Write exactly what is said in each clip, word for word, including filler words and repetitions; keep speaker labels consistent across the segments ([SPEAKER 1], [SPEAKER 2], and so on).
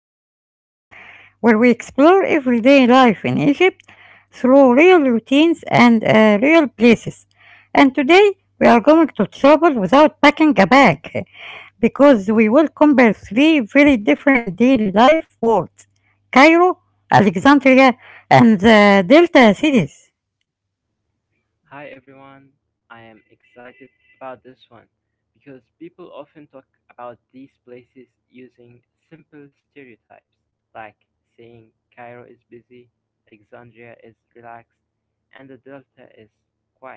[SPEAKER 1] our episode where we explore everyday life in Egypt through real routines and uh, real places. And today we are going to travel without packing a bag eh, because we will compare three very different daily life worlds: Cairo, Alexandria, and the Delta cities.
[SPEAKER 2] Hi everyone, I am excited about this one because people often talk about these places using simple stereotypes like saying Cairo is busy, Alexandria is relaxed, and the Delta is quiet.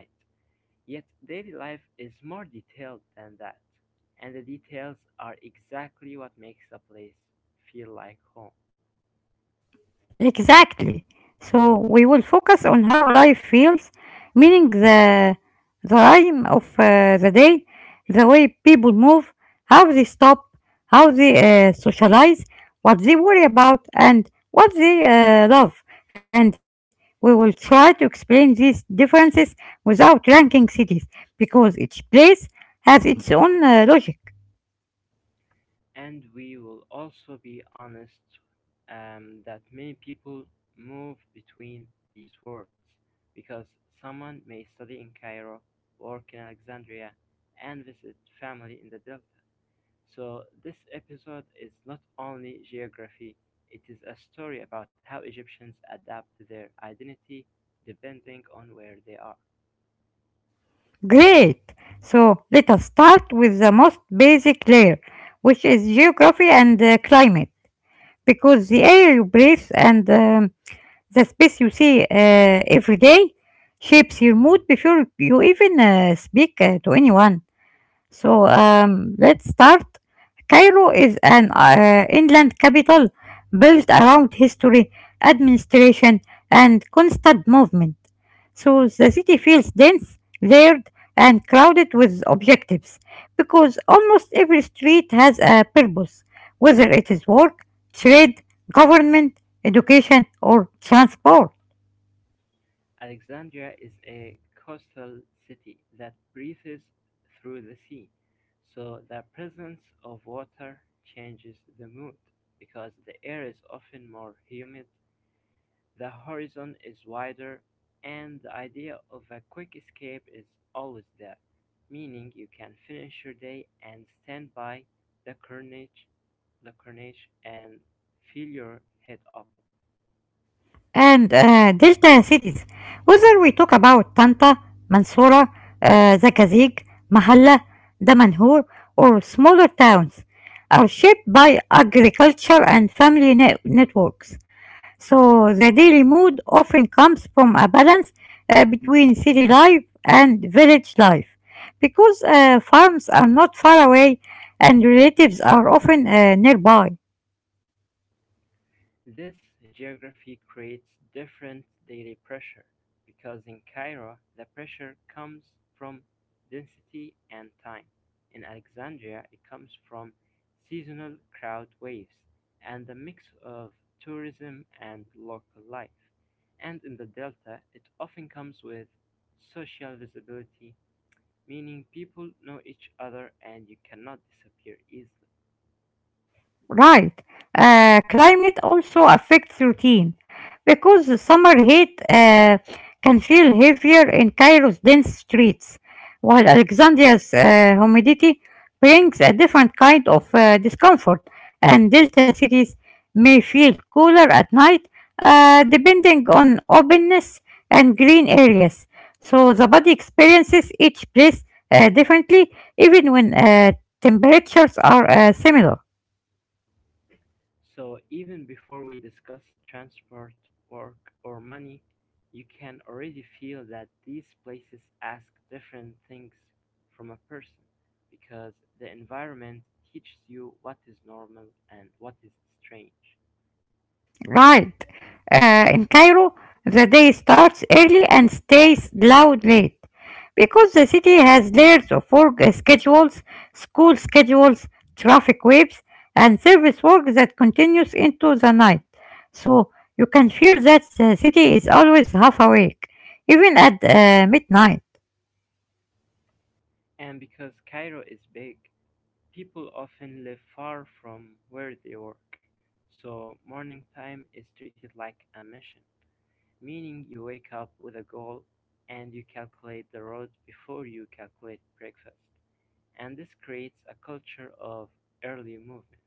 [SPEAKER 2] Yet daily life is more detailed than that, and the details are exactly what makes a place feel like home.
[SPEAKER 1] Exactly. So we will focus on how life feels, meaning the the rhyme of uh, the day, the way people move, how they stop, how they uh, socialize, what they worry about, and what they uh, love. And we will try to explain these differences without ranking cities, because each place has its own uh, logic.
[SPEAKER 2] And we will also be honest um, that many people move between these worlds because someone may study in Cairo, work in Alexandria, and visit family in the Delta. So, this episode is not only geography, it is a story about how Egyptians adapt their identity depending on where they are.
[SPEAKER 1] Great! So let us start with the most basic layer, which is geography and uh, climate, because the air you breathe and um, the space you see uh, every day shapes your mood before you even uh, speak uh, to anyone. So um, let's start. Cairo is an uh, inland capital built around history, administration, and constant movement. So the city feels dense, layered, and crowded with objectives because almost every street has a purpose, whether it is work, trade, government, education, or transport.
[SPEAKER 2] Alexandria is a coastal city that breathes through the sea, so the presence of water changes the mood. Because the air is often more humid, the horizon is wider, and the idea of a quick escape is always there, meaning you can finish your day and stand by the carnage, the carnage and feel your head open.
[SPEAKER 1] And uh, delta cities, whether we talk about Tanta, Mansoura, uh, Zakazig, Mahalla, Damanhur, or smaller towns, are shaped by agriculture and family net- networks. So the daily mood often comes from a balance uh, between city life and village life because uh, farms are not far away and relatives are often uh, nearby.
[SPEAKER 2] This geography creates different daily pressure, because in Cairo the pressure comes from density and time, in Alexandria it comes from seasonal crowd waves and a mix of tourism and local life, and in the Delta it often comes with social visibility, meaning people know each other and you cannot disappear easily.
[SPEAKER 1] Right. Uh, climate also affects routine because the summer heat uh, can feel heavier in Cairo's dense streets, while Alexandria's uh, humidity brings a different kind of uh, discomfort, and delta cities may feel cooler at night uh, depending on openness and green areas. So the body experiences each place uh, differently, even when uh, temperatures are uh, similar.
[SPEAKER 2] So even before we discuss transport, work, or money, you can already feel that these places ask different things from a person because the environment teaches you what is normal and what is strange.
[SPEAKER 1] Right. Uh, in Cairo, the day starts early and stays loud late because the city has layers of work schedules, school schedules, traffic waves, and service work that continues into the night. So you can feel that the city is always half awake, even at uh, midnight.
[SPEAKER 2] And because Cairo is big, people often live far from where they work, so morning time is treated like a mission. Meaning you wake up with a goal and you calculate the road before you calculate breakfast. And this creates a culture of early movement.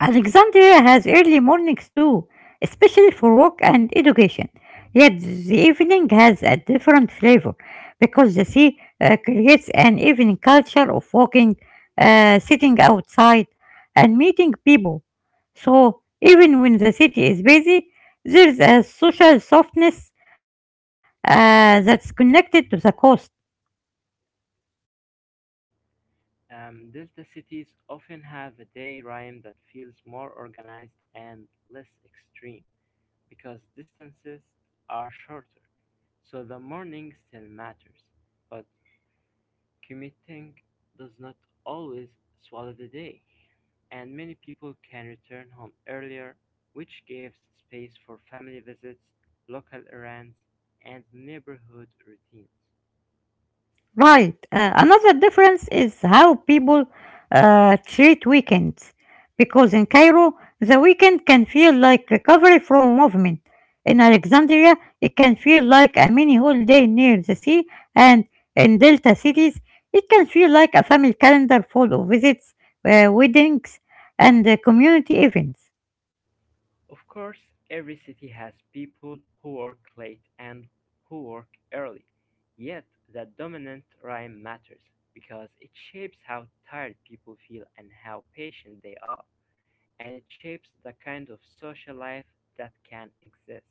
[SPEAKER 1] Alexandria has early mornings too, especially for work and education. Yet the evening has a different flavor because the sea uh, creates an evening culture of walking, uh, sitting outside, and meeting people. So even when the city is busy, there's a social softness uh, that's connected to the coast.
[SPEAKER 2] Um, delta cities often have a day rhyme that feels more organized and less extreme because distances are shorter, so the morning still matters, but commuting does not always swallow the day, and many people can return home earlier, which gives space for family visits, local errands, and neighborhood routines.
[SPEAKER 1] Right. Uh, another difference is how people uh, treat weekends. Because in Cairo, the weekend can feel like recovery from movement. In Alexandria, it can feel like a mini holiday near the sea, and in Delta cities, it can feel like a family calendar full of visits, uh, weddings, and uh, community events.
[SPEAKER 2] Of course, every city has people who work late and who work early, yet the dominant rhyme matters because it shapes how tired people feel and how patient they are, and it shapes the kind of social life that can exist.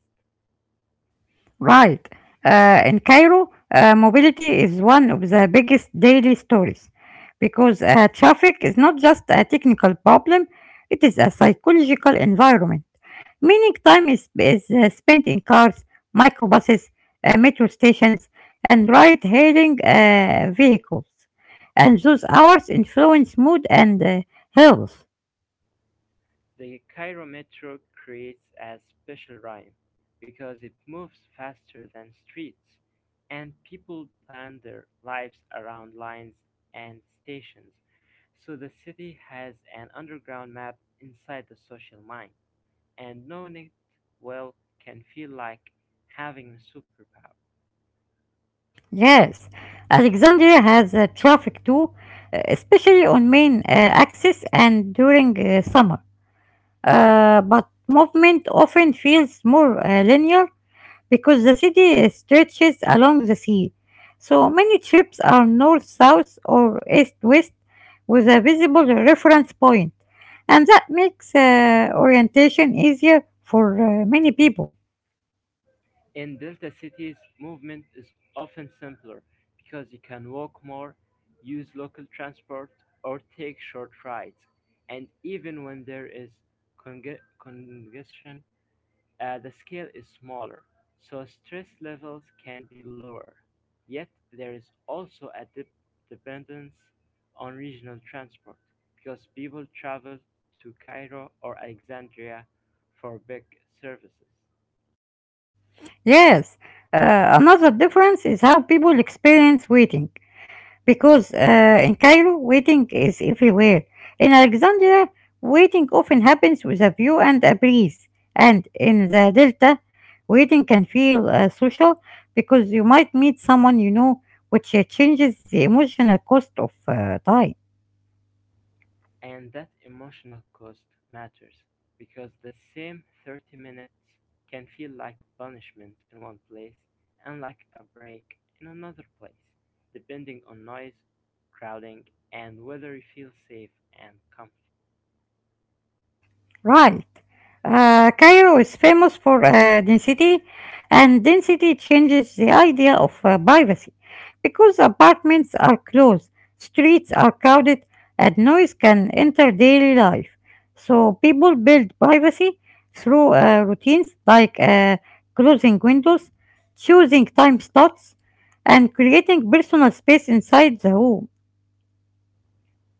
[SPEAKER 1] Right. Uh, in Cairo, uh, mobility is one of the biggest daily stories because uh, traffic is not just a technical problem, it is a psychological environment. Meaning, time is, is uh, spent in cars, microbuses, uh, metro stations, and ride hailing uh, vehicles. And those hours influence mood and uh, health.
[SPEAKER 2] The chirometer creates a special rhyme, because it moves faster than streets, and people plan their lives around lines and stations, so the city has an underground map inside the social mind, and knowing it well can feel like having a superpower.
[SPEAKER 1] Yes, Alexandria has uh, traffic too, uh, especially on main uh, axis and during uh, summer. Uh, but movement often feels more uh, linear because the city stretches along the sea. So many trips are north-south or east-west with a visible reference point, and that makes uh, orientation easier for uh, many people.
[SPEAKER 2] In delta cities, movement is often simpler because you can walk more, use local transport, or take short rides. And even when there is conge- congestion, uh, the scale is smaller, so stress levels can be lower. Yet there is also a dep- dependence on regional transport because people travel to Cairo or Alexandria for big services.
[SPEAKER 1] Yes, uh, another difference is how people experience waiting. Because uh, in Cairo, waiting is everywhere. In Alexandria, waiting often happens with a view and a breeze. And in the Delta, waiting can feel uh, social because you might meet someone you know, which uh, changes the emotional cost of uh, time.
[SPEAKER 2] And that emotional cost matters because the same thirty minutes can feel like punishment in one place and like a break in another place, depending on noise, crowding, and whether you feel safe and comfortable.
[SPEAKER 1] Right. Uh, Cairo is famous for uh, density, and density changes the idea of uh, privacy because apartments are close, streets are crowded, and noise can enter daily life. So people build privacy through uh, routines like uh, closing windows, choosing time slots, and creating personal space inside the home.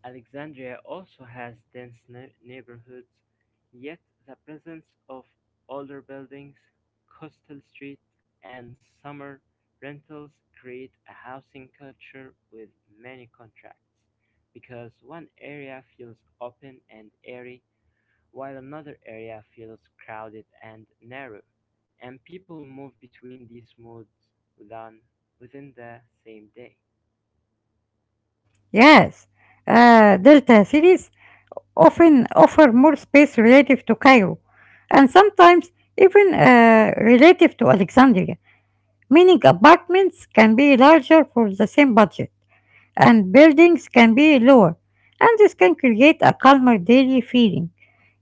[SPEAKER 2] Alexandria also has dense ne- neighborhoods, yet the presence of older buildings, coastal streets, and summer rentals create a housing culture with many contracts because one area feels open and airy while another area feels crowded and narrow and people move between these modes within, within the same day.
[SPEAKER 1] Yes, uh, Delta cities often offer more space relative to Cairo, and sometimes even uh, relative to Alexandria, meaning apartments can be larger for the same budget, and buildings can be lower, and this can create a calmer daily feeling.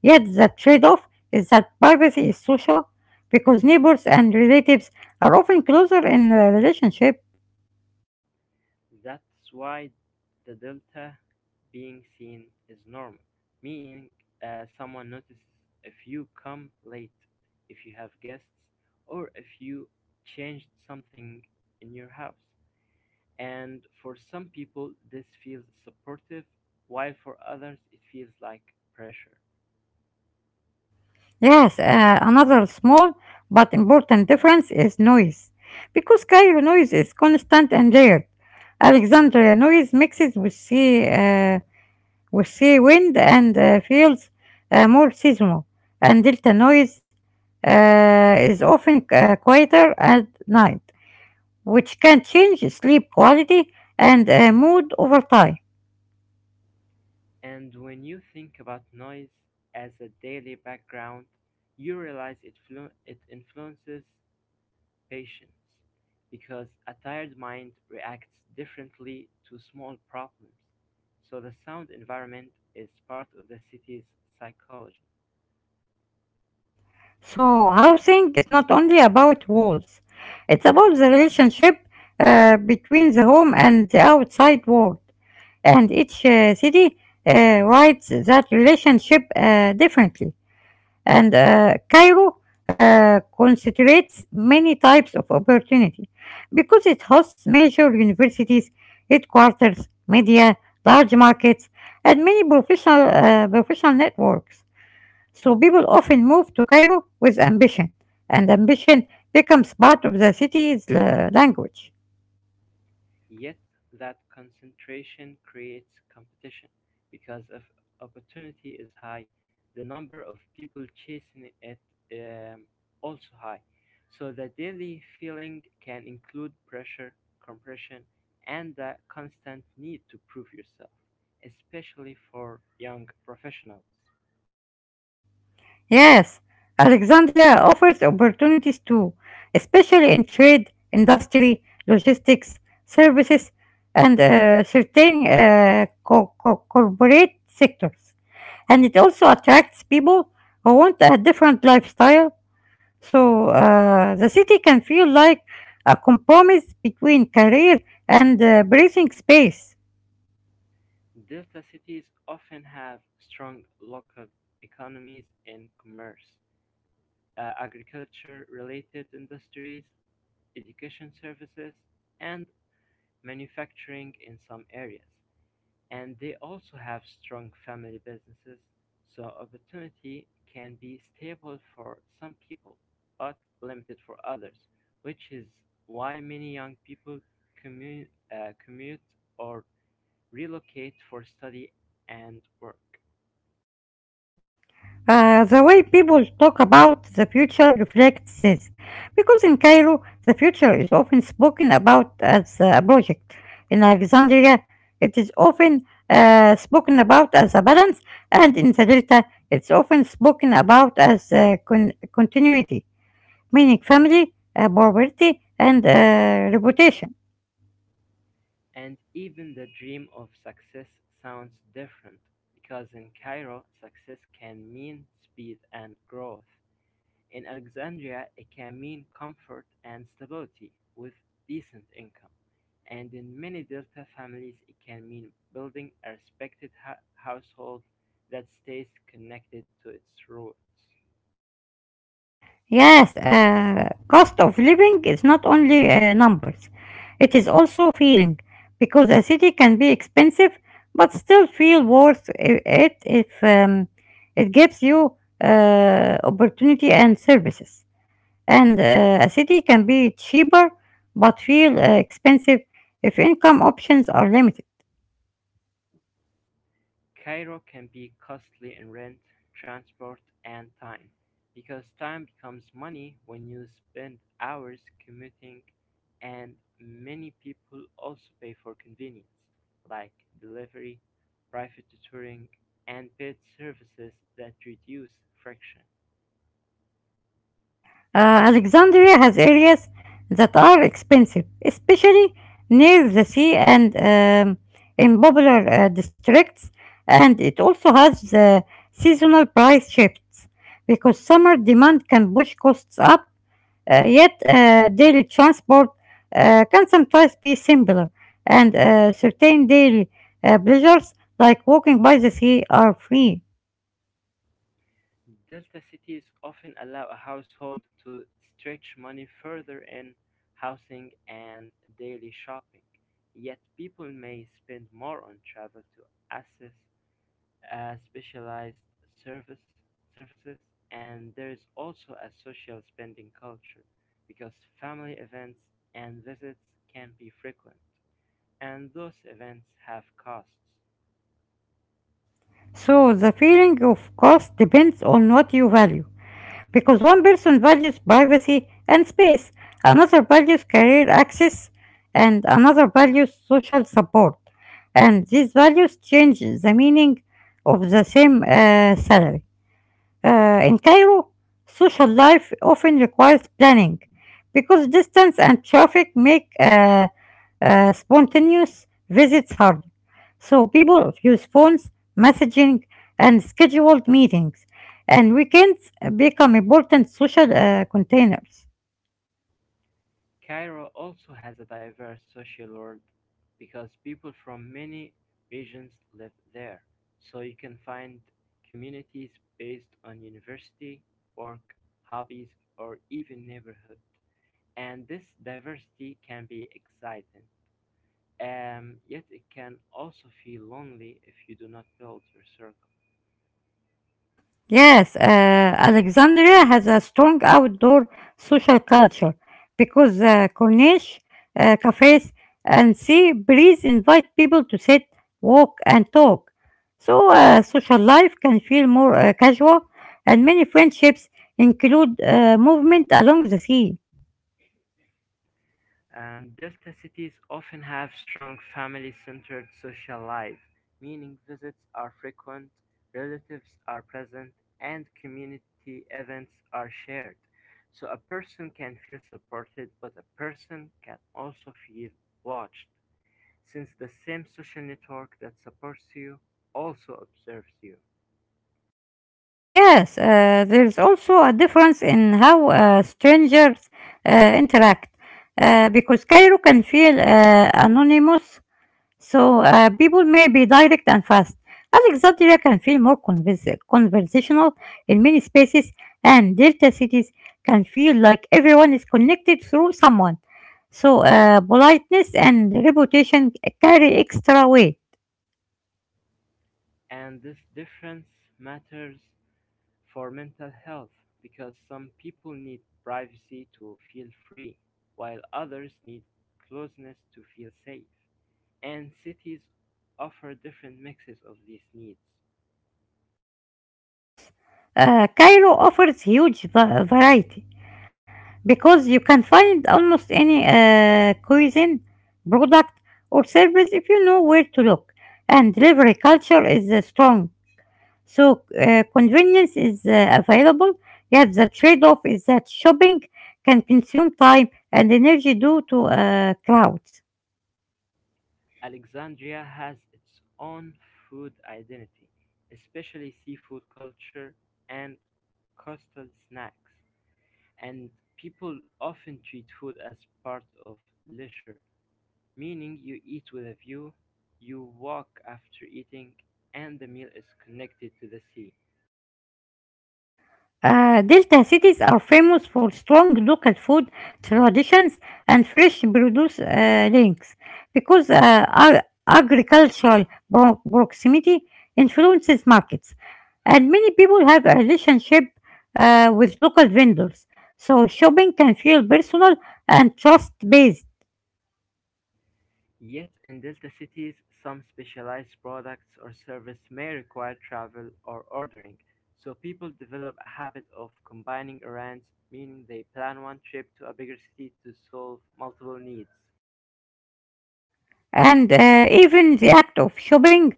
[SPEAKER 1] Yet the trade-off is that privacy is social because neighbors and relatives are often closer in a relationship.
[SPEAKER 2] That's why the delta being seen is normal, meaning uh, someone notices if you come late, if you have guests, or if you changed something in your house. And for some people, this feels supportive, while for others, it feels like pressure.
[SPEAKER 1] Yes, uh, another small but important difference is noise. Because Cairo noise is constant and layered, Alexandria noise mixes with sea, uh, with sea wind and uh, feels uh, more seasonal, and Delta noise uh, is often uh, quieter at night, which can change sleep quality and uh, mood over time.
[SPEAKER 2] And when you think about noise as a daily background, you realize it, flu- it influences patience, because a tired mind reacts differently to small problems, so the sound environment is part of the city's psychology.
[SPEAKER 1] So, housing is not only about walls, it's about the relationship uh, between the home and the outside world. And each uh, city uh, writes that relationship uh, differently. And uh, Cairo uh, concentrates many types of opportunity because it hosts major universities, headquarters, media, large markets, and many professional, uh, professional networks. So people often move to Cairo with ambition, and ambition becomes part of the city's uh, language.
[SPEAKER 2] Yet that concentration creates competition because if opportunity is high, the number of people chasing it um, also high. So the daily feeling can include pressure, compression, and the constant need to prove yourself, especially for young professionals.
[SPEAKER 1] Yes, Alexandria offers opportunities too, especially in trade, industry, logistics, services, and uh, certain uh, co- co- corporate sectors. And it also attracts people who want a different lifestyle. So uh, the city can feel like a compromise between career and uh, breathing space.
[SPEAKER 2] Delta cities often have strong local economies in commerce, uh, agriculture related industries, education services, and manufacturing in some areas. And they also have strong family businesses, so opportunity can be stable for some people, but limited for others, which is why many young people commu- uh, commute or relocate for study and work.
[SPEAKER 1] Uh, the way people talk about the future reflects this, because in Cairo, the future is often spoken about as a project. In Alexandria, it is often uh, spoken about as a balance, and in the Delta, it's often spoken about as uh, con- continuity, meaning family, uh, poverty, and uh, reputation.
[SPEAKER 2] And even the dream of success sounds different because in Cairo, success can mean speed and growth. In Alexandria, it can mean comfort and stability with decent income, and in many Delta families, it can mean building a respected ha- household that stays connected to its roots.
[SPEAKER 1] Yes, uh, cost of living is not only uh, numbers, it is also feeling, because a city can be expensive but still feel worth i- it if um, it gives you uh, opportunity and services. And uh, a city can be cheaper but feel uh, expensive if income options are limited.
[SPEAKER 2] Cairo can be costly in rent, transport, and time, because time becomes money when you spend hours commuting, and many people also pay for convenience, like delivery, private tutoring, and paid services that reduce friction.
[SPEAKER 1] Uh, Alexandria has areas that are expensive, especially near the sea and um, in popular uh, districts, and it also has uh, seasonal price shifts because summer demand can push costs up, uh, yet uh, daily transport uh, can sometimes be simpler, and uh, certain daily uh, pleasures like walking by the sea are free.
[SPEAKER 2] Delta cities often allow a household to stretch money further in housing and daily shopping, yet people may spend more on travel to access uh, specialized service services and there is also a social spending culture because family events and visits can be frequent and those events have costs.
[SPEAKER 1] So the feeling of cost depends on what you value, because one person values privacy and space, another values career access, and another values social support. And these values change the meaning of the same uh, salary. Uh, in Cairo, social life often requires planning because distance and traffic make uh, uh, spontaneous visits hard. So people use phones, messaging, and scheduled meetings, and weekends become important social uh, containers.
[SPEAKER 2] Cairo also has a diverse social world because people from many regions live there, so you can find communities based on university, work, hobbies, or even neighborhood. And this diversity can be exciting, um, yet it can also feel lonely if you do not build your circle.
[SPEAKER 1] Yes, uh, Alexandria has a strong outdoor social culture because uh, Corniche uh, cafes and sea breeze invite people to sit, walk, and talk. So uh, social life can feel more uh, casual, and many friendships include uh, movement along the sea.
[SPEAKER 2] Um, delta cities often have strong family-centered social life, meaning visits are frequent, relatives are present, and community events are shared. So a person can feel supported, but a person can also feel watched, since the same social network that supports you also observes you.
[SPEAKER 1] Yes, uh, there is also a difference in how uh, strangers uh, interact uh, because Cairo can feel uh, anonymous. So uh, people may be direct and fast. Alexandria can feel more convers- conversational in many spaces, and delta cities can feel like everyone is connected through someone. So uh, politeness and reputation carry extra weight.
[SPEAKER 2] And this difference matters for mental health because some people need privacy to feel free, while others need closeness to feel safe. And cities offer different mixes of these needs.
[SPEAKER 1] Yes, uh, Cairo offers huge va- variety because you can find almost any uh, cuisine, product, or service if you know where to look. And delivery culture is uh, strong. So uh, convenience is uh, available, yet the trade-off is that shopping can consume time and energy due to uh, crowds.
[SPEAKER 2] Alexandria has its own food identity, especially seafood culture and coastal snacks, and people often treat food as part of leisure. Meaning you eat with a view, you walk after eating, and the meal is connected to the sea.
[SPEAKER 1] Uh, delta cities are famous for strong local food traditions and fresh produce uh, links because uh, ag- agricultural pro- proximity influences markets, and many people have a relationship uh, with local vendors, so shopping can feel personal and trust based.
[SPEAKER 2] Yet in delta cities, some specialized products or service may require travel or ordering. So people develop a habit of combining errands, meaning they plan one trip to a bigger city to solve multiple needs.
[SPEAKER 1] And uh, even the act of shopping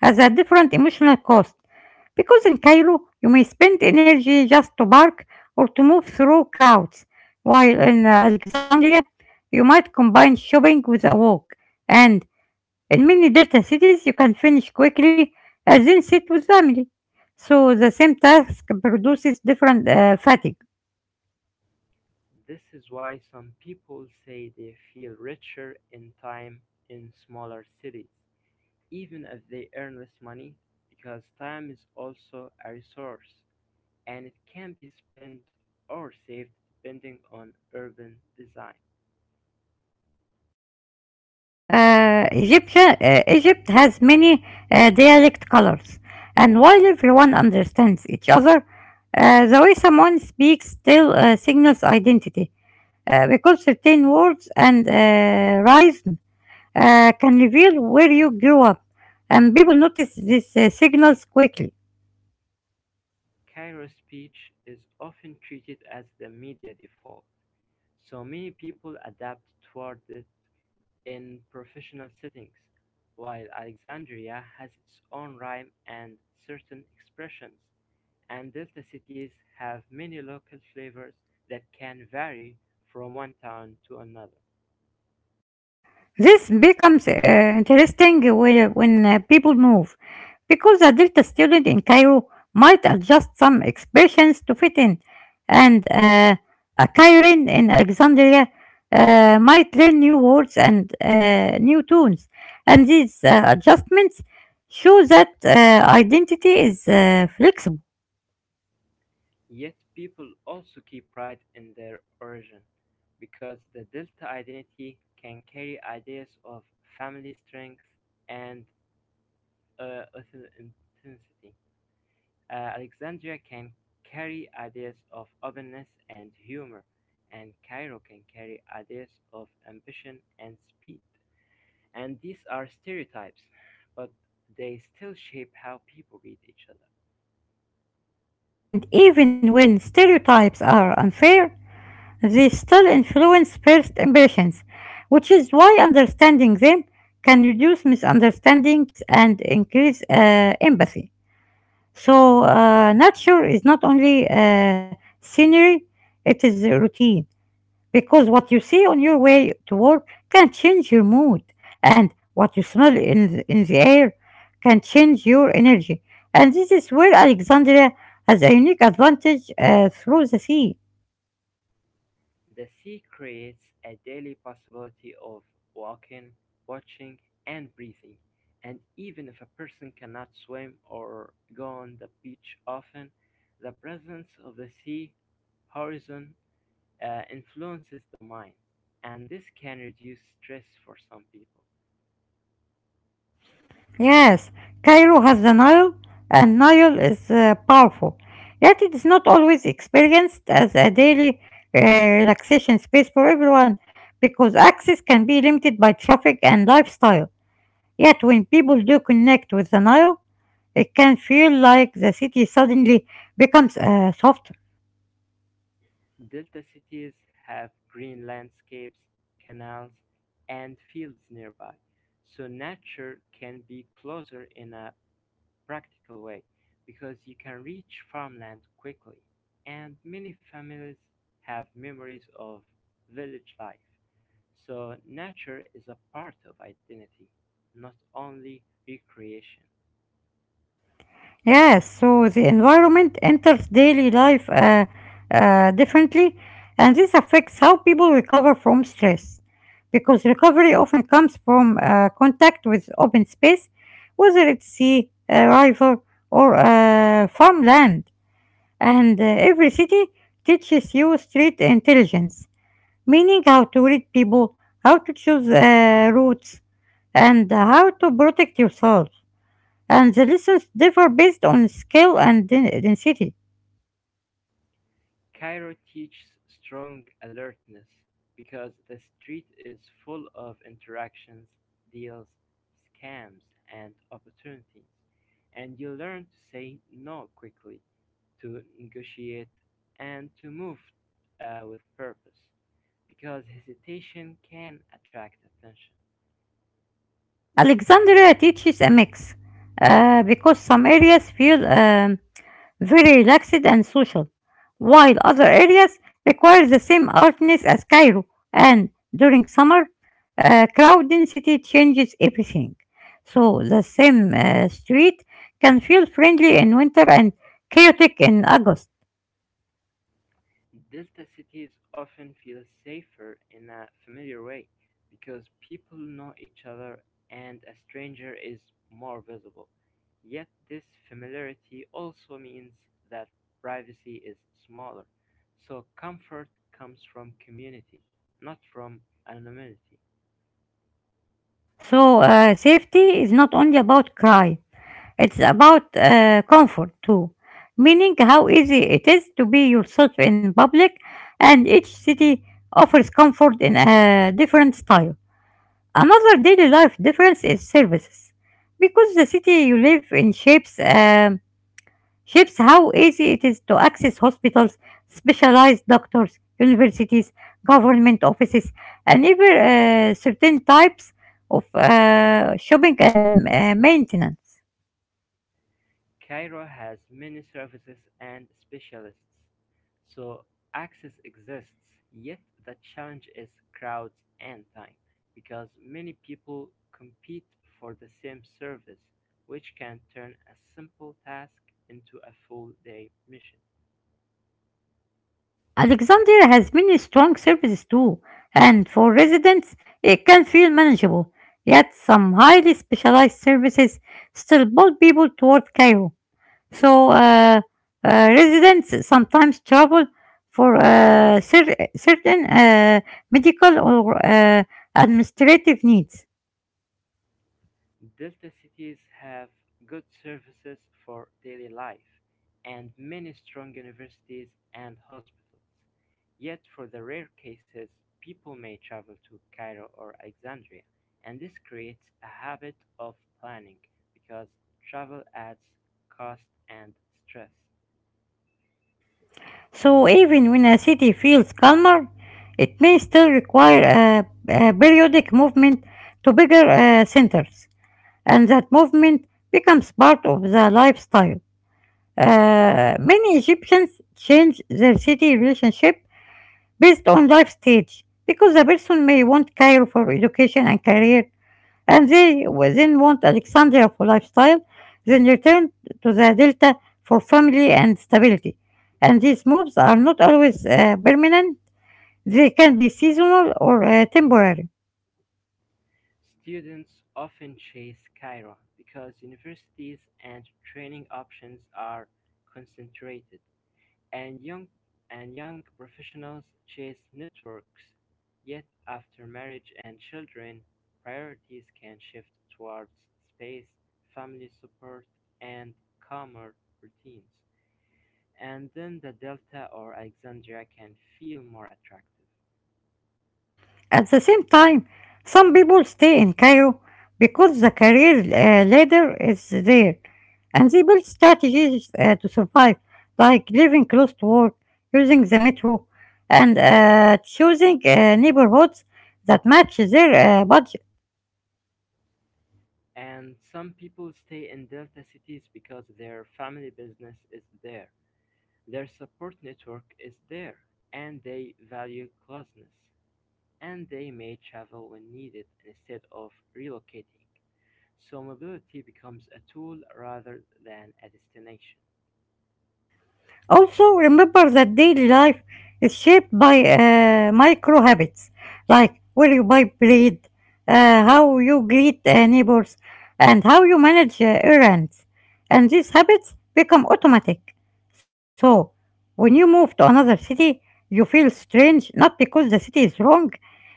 [SPEAKER 1] has a different emotional cost. Because in Cairo, you may spend energy just to bark or to move through crowds, while in uh, Alexandria, you might combine shopping with a walk. And in many delta cities, you can finish quickly and then sit with family. So the same task produces different uh, fatigue.
[SPEAKER 2] This is why some people say they feel richer in time in smaller cities. Even if they earn less money, because time is also a resource and it can be spent or saved depending on urban design.
[SPEAKER 1] Right. Uh, Egyptian, uh, Egypt has many uh, dialect colors, and while everyone understands each other, uh, the way someone speaks still uh, signals identity uh, because certain words and uh, rhythm uh, can reveal where you grew up, and people notice these uh, signals quickly.
[SPEAKER 2] Cairo speech is often treated as the media default, so many people adapt toward it in professional settings, while Alexandria has its own rhyme and certain expressions, and delta cities have many local flavors that can vary from one town to another.
[SPEAKER 1] This becomes uh, interesting when when uh, people move, because a Delta student in Cairo might adjust some expressions to fit in, and uh, a Kairin in Alexandria uh, might learn new words and uh, new tunes. And these uh, adjustments show that uh, identity is uh, flexible.
[SPEAKER 2] Yet people also keep pride in their origin, because the Delta identity can carry ideas of family strength and uh, authenticity. Uh, Alexandria can carry ideas of openness and humor, and Cairo can carry ideas of ambition and speed. And these are stereotypes, but they still shape how people read each other.
[SPEAKER 1] And even when stereotypes are unfair, they still influence first impressions, which is why understanding them can reduce misunderstandings and increase uh, empathy. So, uh, nature is not only uh, scenery. It is a routine because what you see on your way to work can change your mood, and what you smell in the, in the air can change your energy. And this is where Alexandria has a unique advantage uh, through the sea.
[SPEAKER 2] The sea creates a daily possibility of walking, watching, and breathing, and even if a person cannot swim or go on the beach often, the presence of the sea horizon uh, influences the mind, and this can reduce stress for some people.
[SPEAKER 1] Yes, Cairo has the Nile, and Nile is uh, powerful, yet it is not always experienced as a daily uh, relaxation space for everyone because access can be limited by traffic and lifestyle. Yet, when people do connect with the Nile, it can feel like the city suddenly becomes a soft.
[SPEAKER 2] Delta cities have green landscapes, canals, and fields nearby, so nature can be closer in a practical way because you can reach farmland quickly and many families have memories of village life. So nature is a part of identity, not only recreation.
[SPEAKER 1] Yes, so the environment enters daily life uh, uh, differently, and this affects how people recover from stress. Because recovery often comes from uh, contact with open space, whether it's sea, a river, or uh, farmland. And uh, every city teaches you street intelligence, meaning how to read people, how to choose uh, routes, and how to protect yourself, and the lessons differ based on scale and density.
[SPEAKER 2] Cairo teaches strong alertness because the street is full of interactions, deals, scams, and opportunities, and you learn to say no quickly to negotiate and to move uh, with purpose because hesitation can attract attention.
[SPEAKER 1] Alexandria teaches a mix uh, because some areas feel um, very relaxed and social, while other areas require the same alertness as Cairo, and during summer, uh, crowd density changes everything. So the same uh, street can feel friendly in winter and chaotic in August.
[SPEAKER 2] Delta cities often feel safer in a familiar way because people know each other and a stranger is more visible. Yet, this familiarity also means that privacy is smaller, so comfort comes from community, not from anonymity.
[SPEAKER 1] So uh, safety is not only about crime. It's about uh, comfort too, meaning how easy it is to be yourself in public, and each city offers comfort in a different style. Another daily life difference is services, because the city you live in shapes um, shapes how easy it is to access hospitals, specialized doctors, universities, government offices, and even uh, certain types of uh, shopping and uh, maintenance.
[SPEAKER 2] Cairo has many services and specialists, so access exists, yet the challenge is crowds and time, because many people compete for the same service, which can turn a simple task into a full day mission.
[SPEAKER 1] Alexandria has many strong services too, and for residents, it can feel manageable. Yet, some highly specialized services still pull people toward Cairo. So, uh, uh, residents sometimes travel for uh, cer- certain uh, medical or uh, administrative needs.
[SPEAKER 2] Delta cities have good services for daily life and many strong universities and hospitals. Yet for the rare cases, people may travel to Cairo or Alexandria, and this creates a habit of planning because travel adds cost and stress.
[SPEAKER 1] So, even when a city feels calmer, it may still require a, a periodic movement to bigger uh, centers, and that movement becomes part of the lifestyle. Uh, many Egyptians change their city relationship based on life stage, because the person may want Cairo for education and career, and they will then want Alexandria for lifestyle, then return to the Delta for family and stability. And these moves are not always uh, permanent, they can be seasonal or uh, temporary.
[SPEAKER 2] Students often chase Cairo because universities and training options are concentrated and young and young professionals chase networks, yet after marriage and children, priorities can shift towards space, family support, and calmer routines. And then the Delta or Alexandria can feel more attractive.
[SPEAKER 1] At the same time, some people stay in Cairo because the career uh, ladder is there and they build strategies uh, to survive, like living close to work, using the metro, and uh, choosing uh, neighborhoods that match their uh, budget.
[SPEAKER 2] And some people stay in Delta cities because their family business is there, their support network is there, and they value closeness. And they may travel when needed instead of relocating. So mobility becomes a tool rather than a destination.
[SPEAKER 1] Also, remember that daily life is shaped by uh, micro habits like where you buy bread, uh, how you greet uh, neighbors, and how you manage uh, errands. And these habits become automatic. So, when you move to another city, you feel strange not because the city is wrong,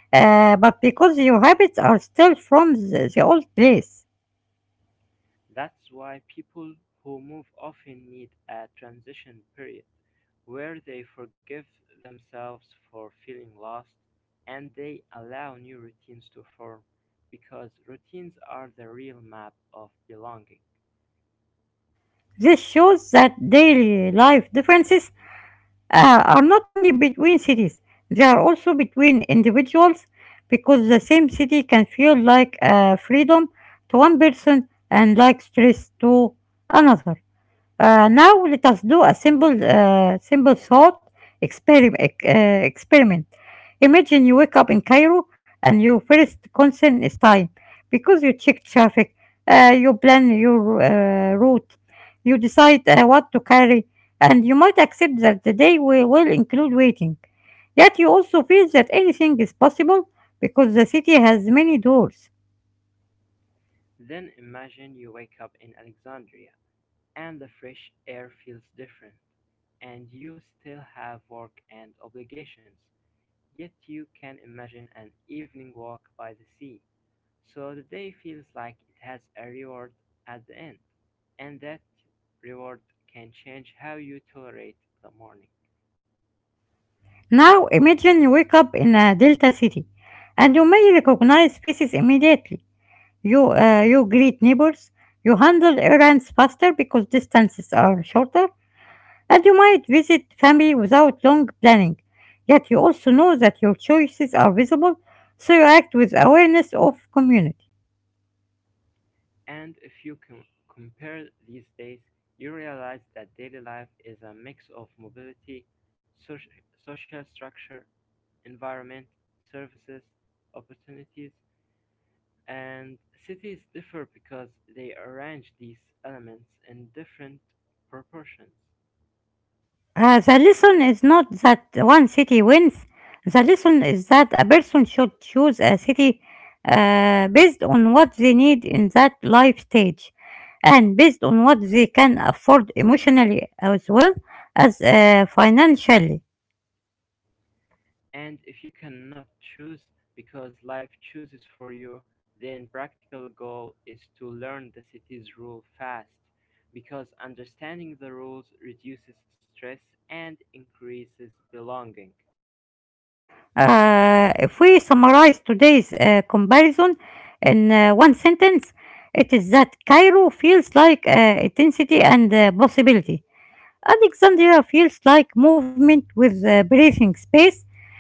[SPEAKER 1] uh, but because your habits are still from the, the old place.
[SPEAKER 2] That's why people who move often need a transition period where they forgive themselves for feeling lost and they allow new routines to form because routines are the real map of belonging.
[SPEAKER 1] This shows that daily life differences uh, are not only between cities, they are also between individuals because the same city can feel like uh, freedom to one person and like stress to another. Uh, now let us do a simple, uh, simple thought experiment. Uh, experiment. Imagine you wake up in Cairo and your first concern is time because you check traffic, uh, you plan your uh, route, you decide uh, what to carry, and you might accept that the day will, will include waiting. Yet you also feel that anything is possible because the city has many doors.
[SPEAKER 2] Then imagine you wake up in Alexandria and the fresh air feels different. And you still have work and obligations, yet you can imagine an evening walk by the sea. So the day feels like it has a reward at the end. And that reward can change how you tolerate the morning.
[SPEAKER 1] Now imagine you wake up in a delta city and you may recognize faces immediately. You, uh, you greet neighbors, you handle errands faster because distances are shorter, and you might visit family without long planning. Yet you also know that your choices are visible, so you act with awareness of community.
[SPEAKER 2] And if you com- compare these days, you realize that daily life is a mix of mobility, soc- social structure, environment, services, opportunities, and cities differ because they arrange these elements in different proportions.
[SPEAKER 1] Uh, the lesson is not that one city wins. The lesson is that a person should choose a city uh, based on what they need in that life stage and based on what they can afford emotionally as well as uh, financially.
[SPEAKER 2] And if you cannot choose because life chooses for you, then practical goal is to learn the city's rule fast because understanding the rules reduces stress and increases belonging.
[SPEAKER 1] Uh, if we summarize today's uh, comparison in uh, one sentence, it is that Cairo feels like uh, intensity and uh, possibility. Alexandria feels like movement with uh, breathing space,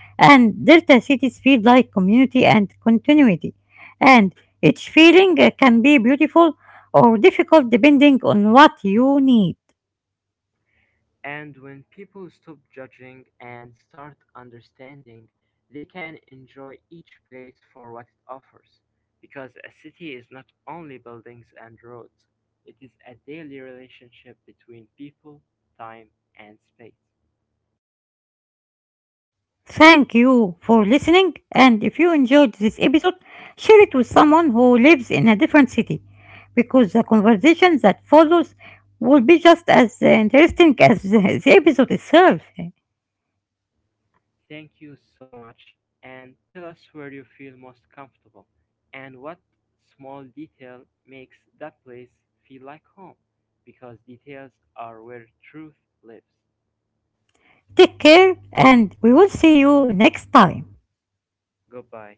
[SPEAKER 1] and Delta cities feel like community and continuity. And each feeling uh, can be beautiful or difficult depending on what you need.
[SPEAKER 2] And when people stop judging and start understanding, they can enjoy each place for what it offers. Because a city is not only buildings and roads, it is a daily relationship between people, time, and space.
[SPEAKER 1] Thank you for listening, and if you enjoyed this episode, share it with someone who lives in a different city because the conversation that follows will be just as uh, interesting as the the episode itself.
[SPEAKER 2] Thank you so much, and tell us where you feel most comfortable and what small detail makes that place feel like home, because details are where truth lives.
[SPEAKER 1] Take care, and we will see you next time.
[SPEAKER 2] Goodbye.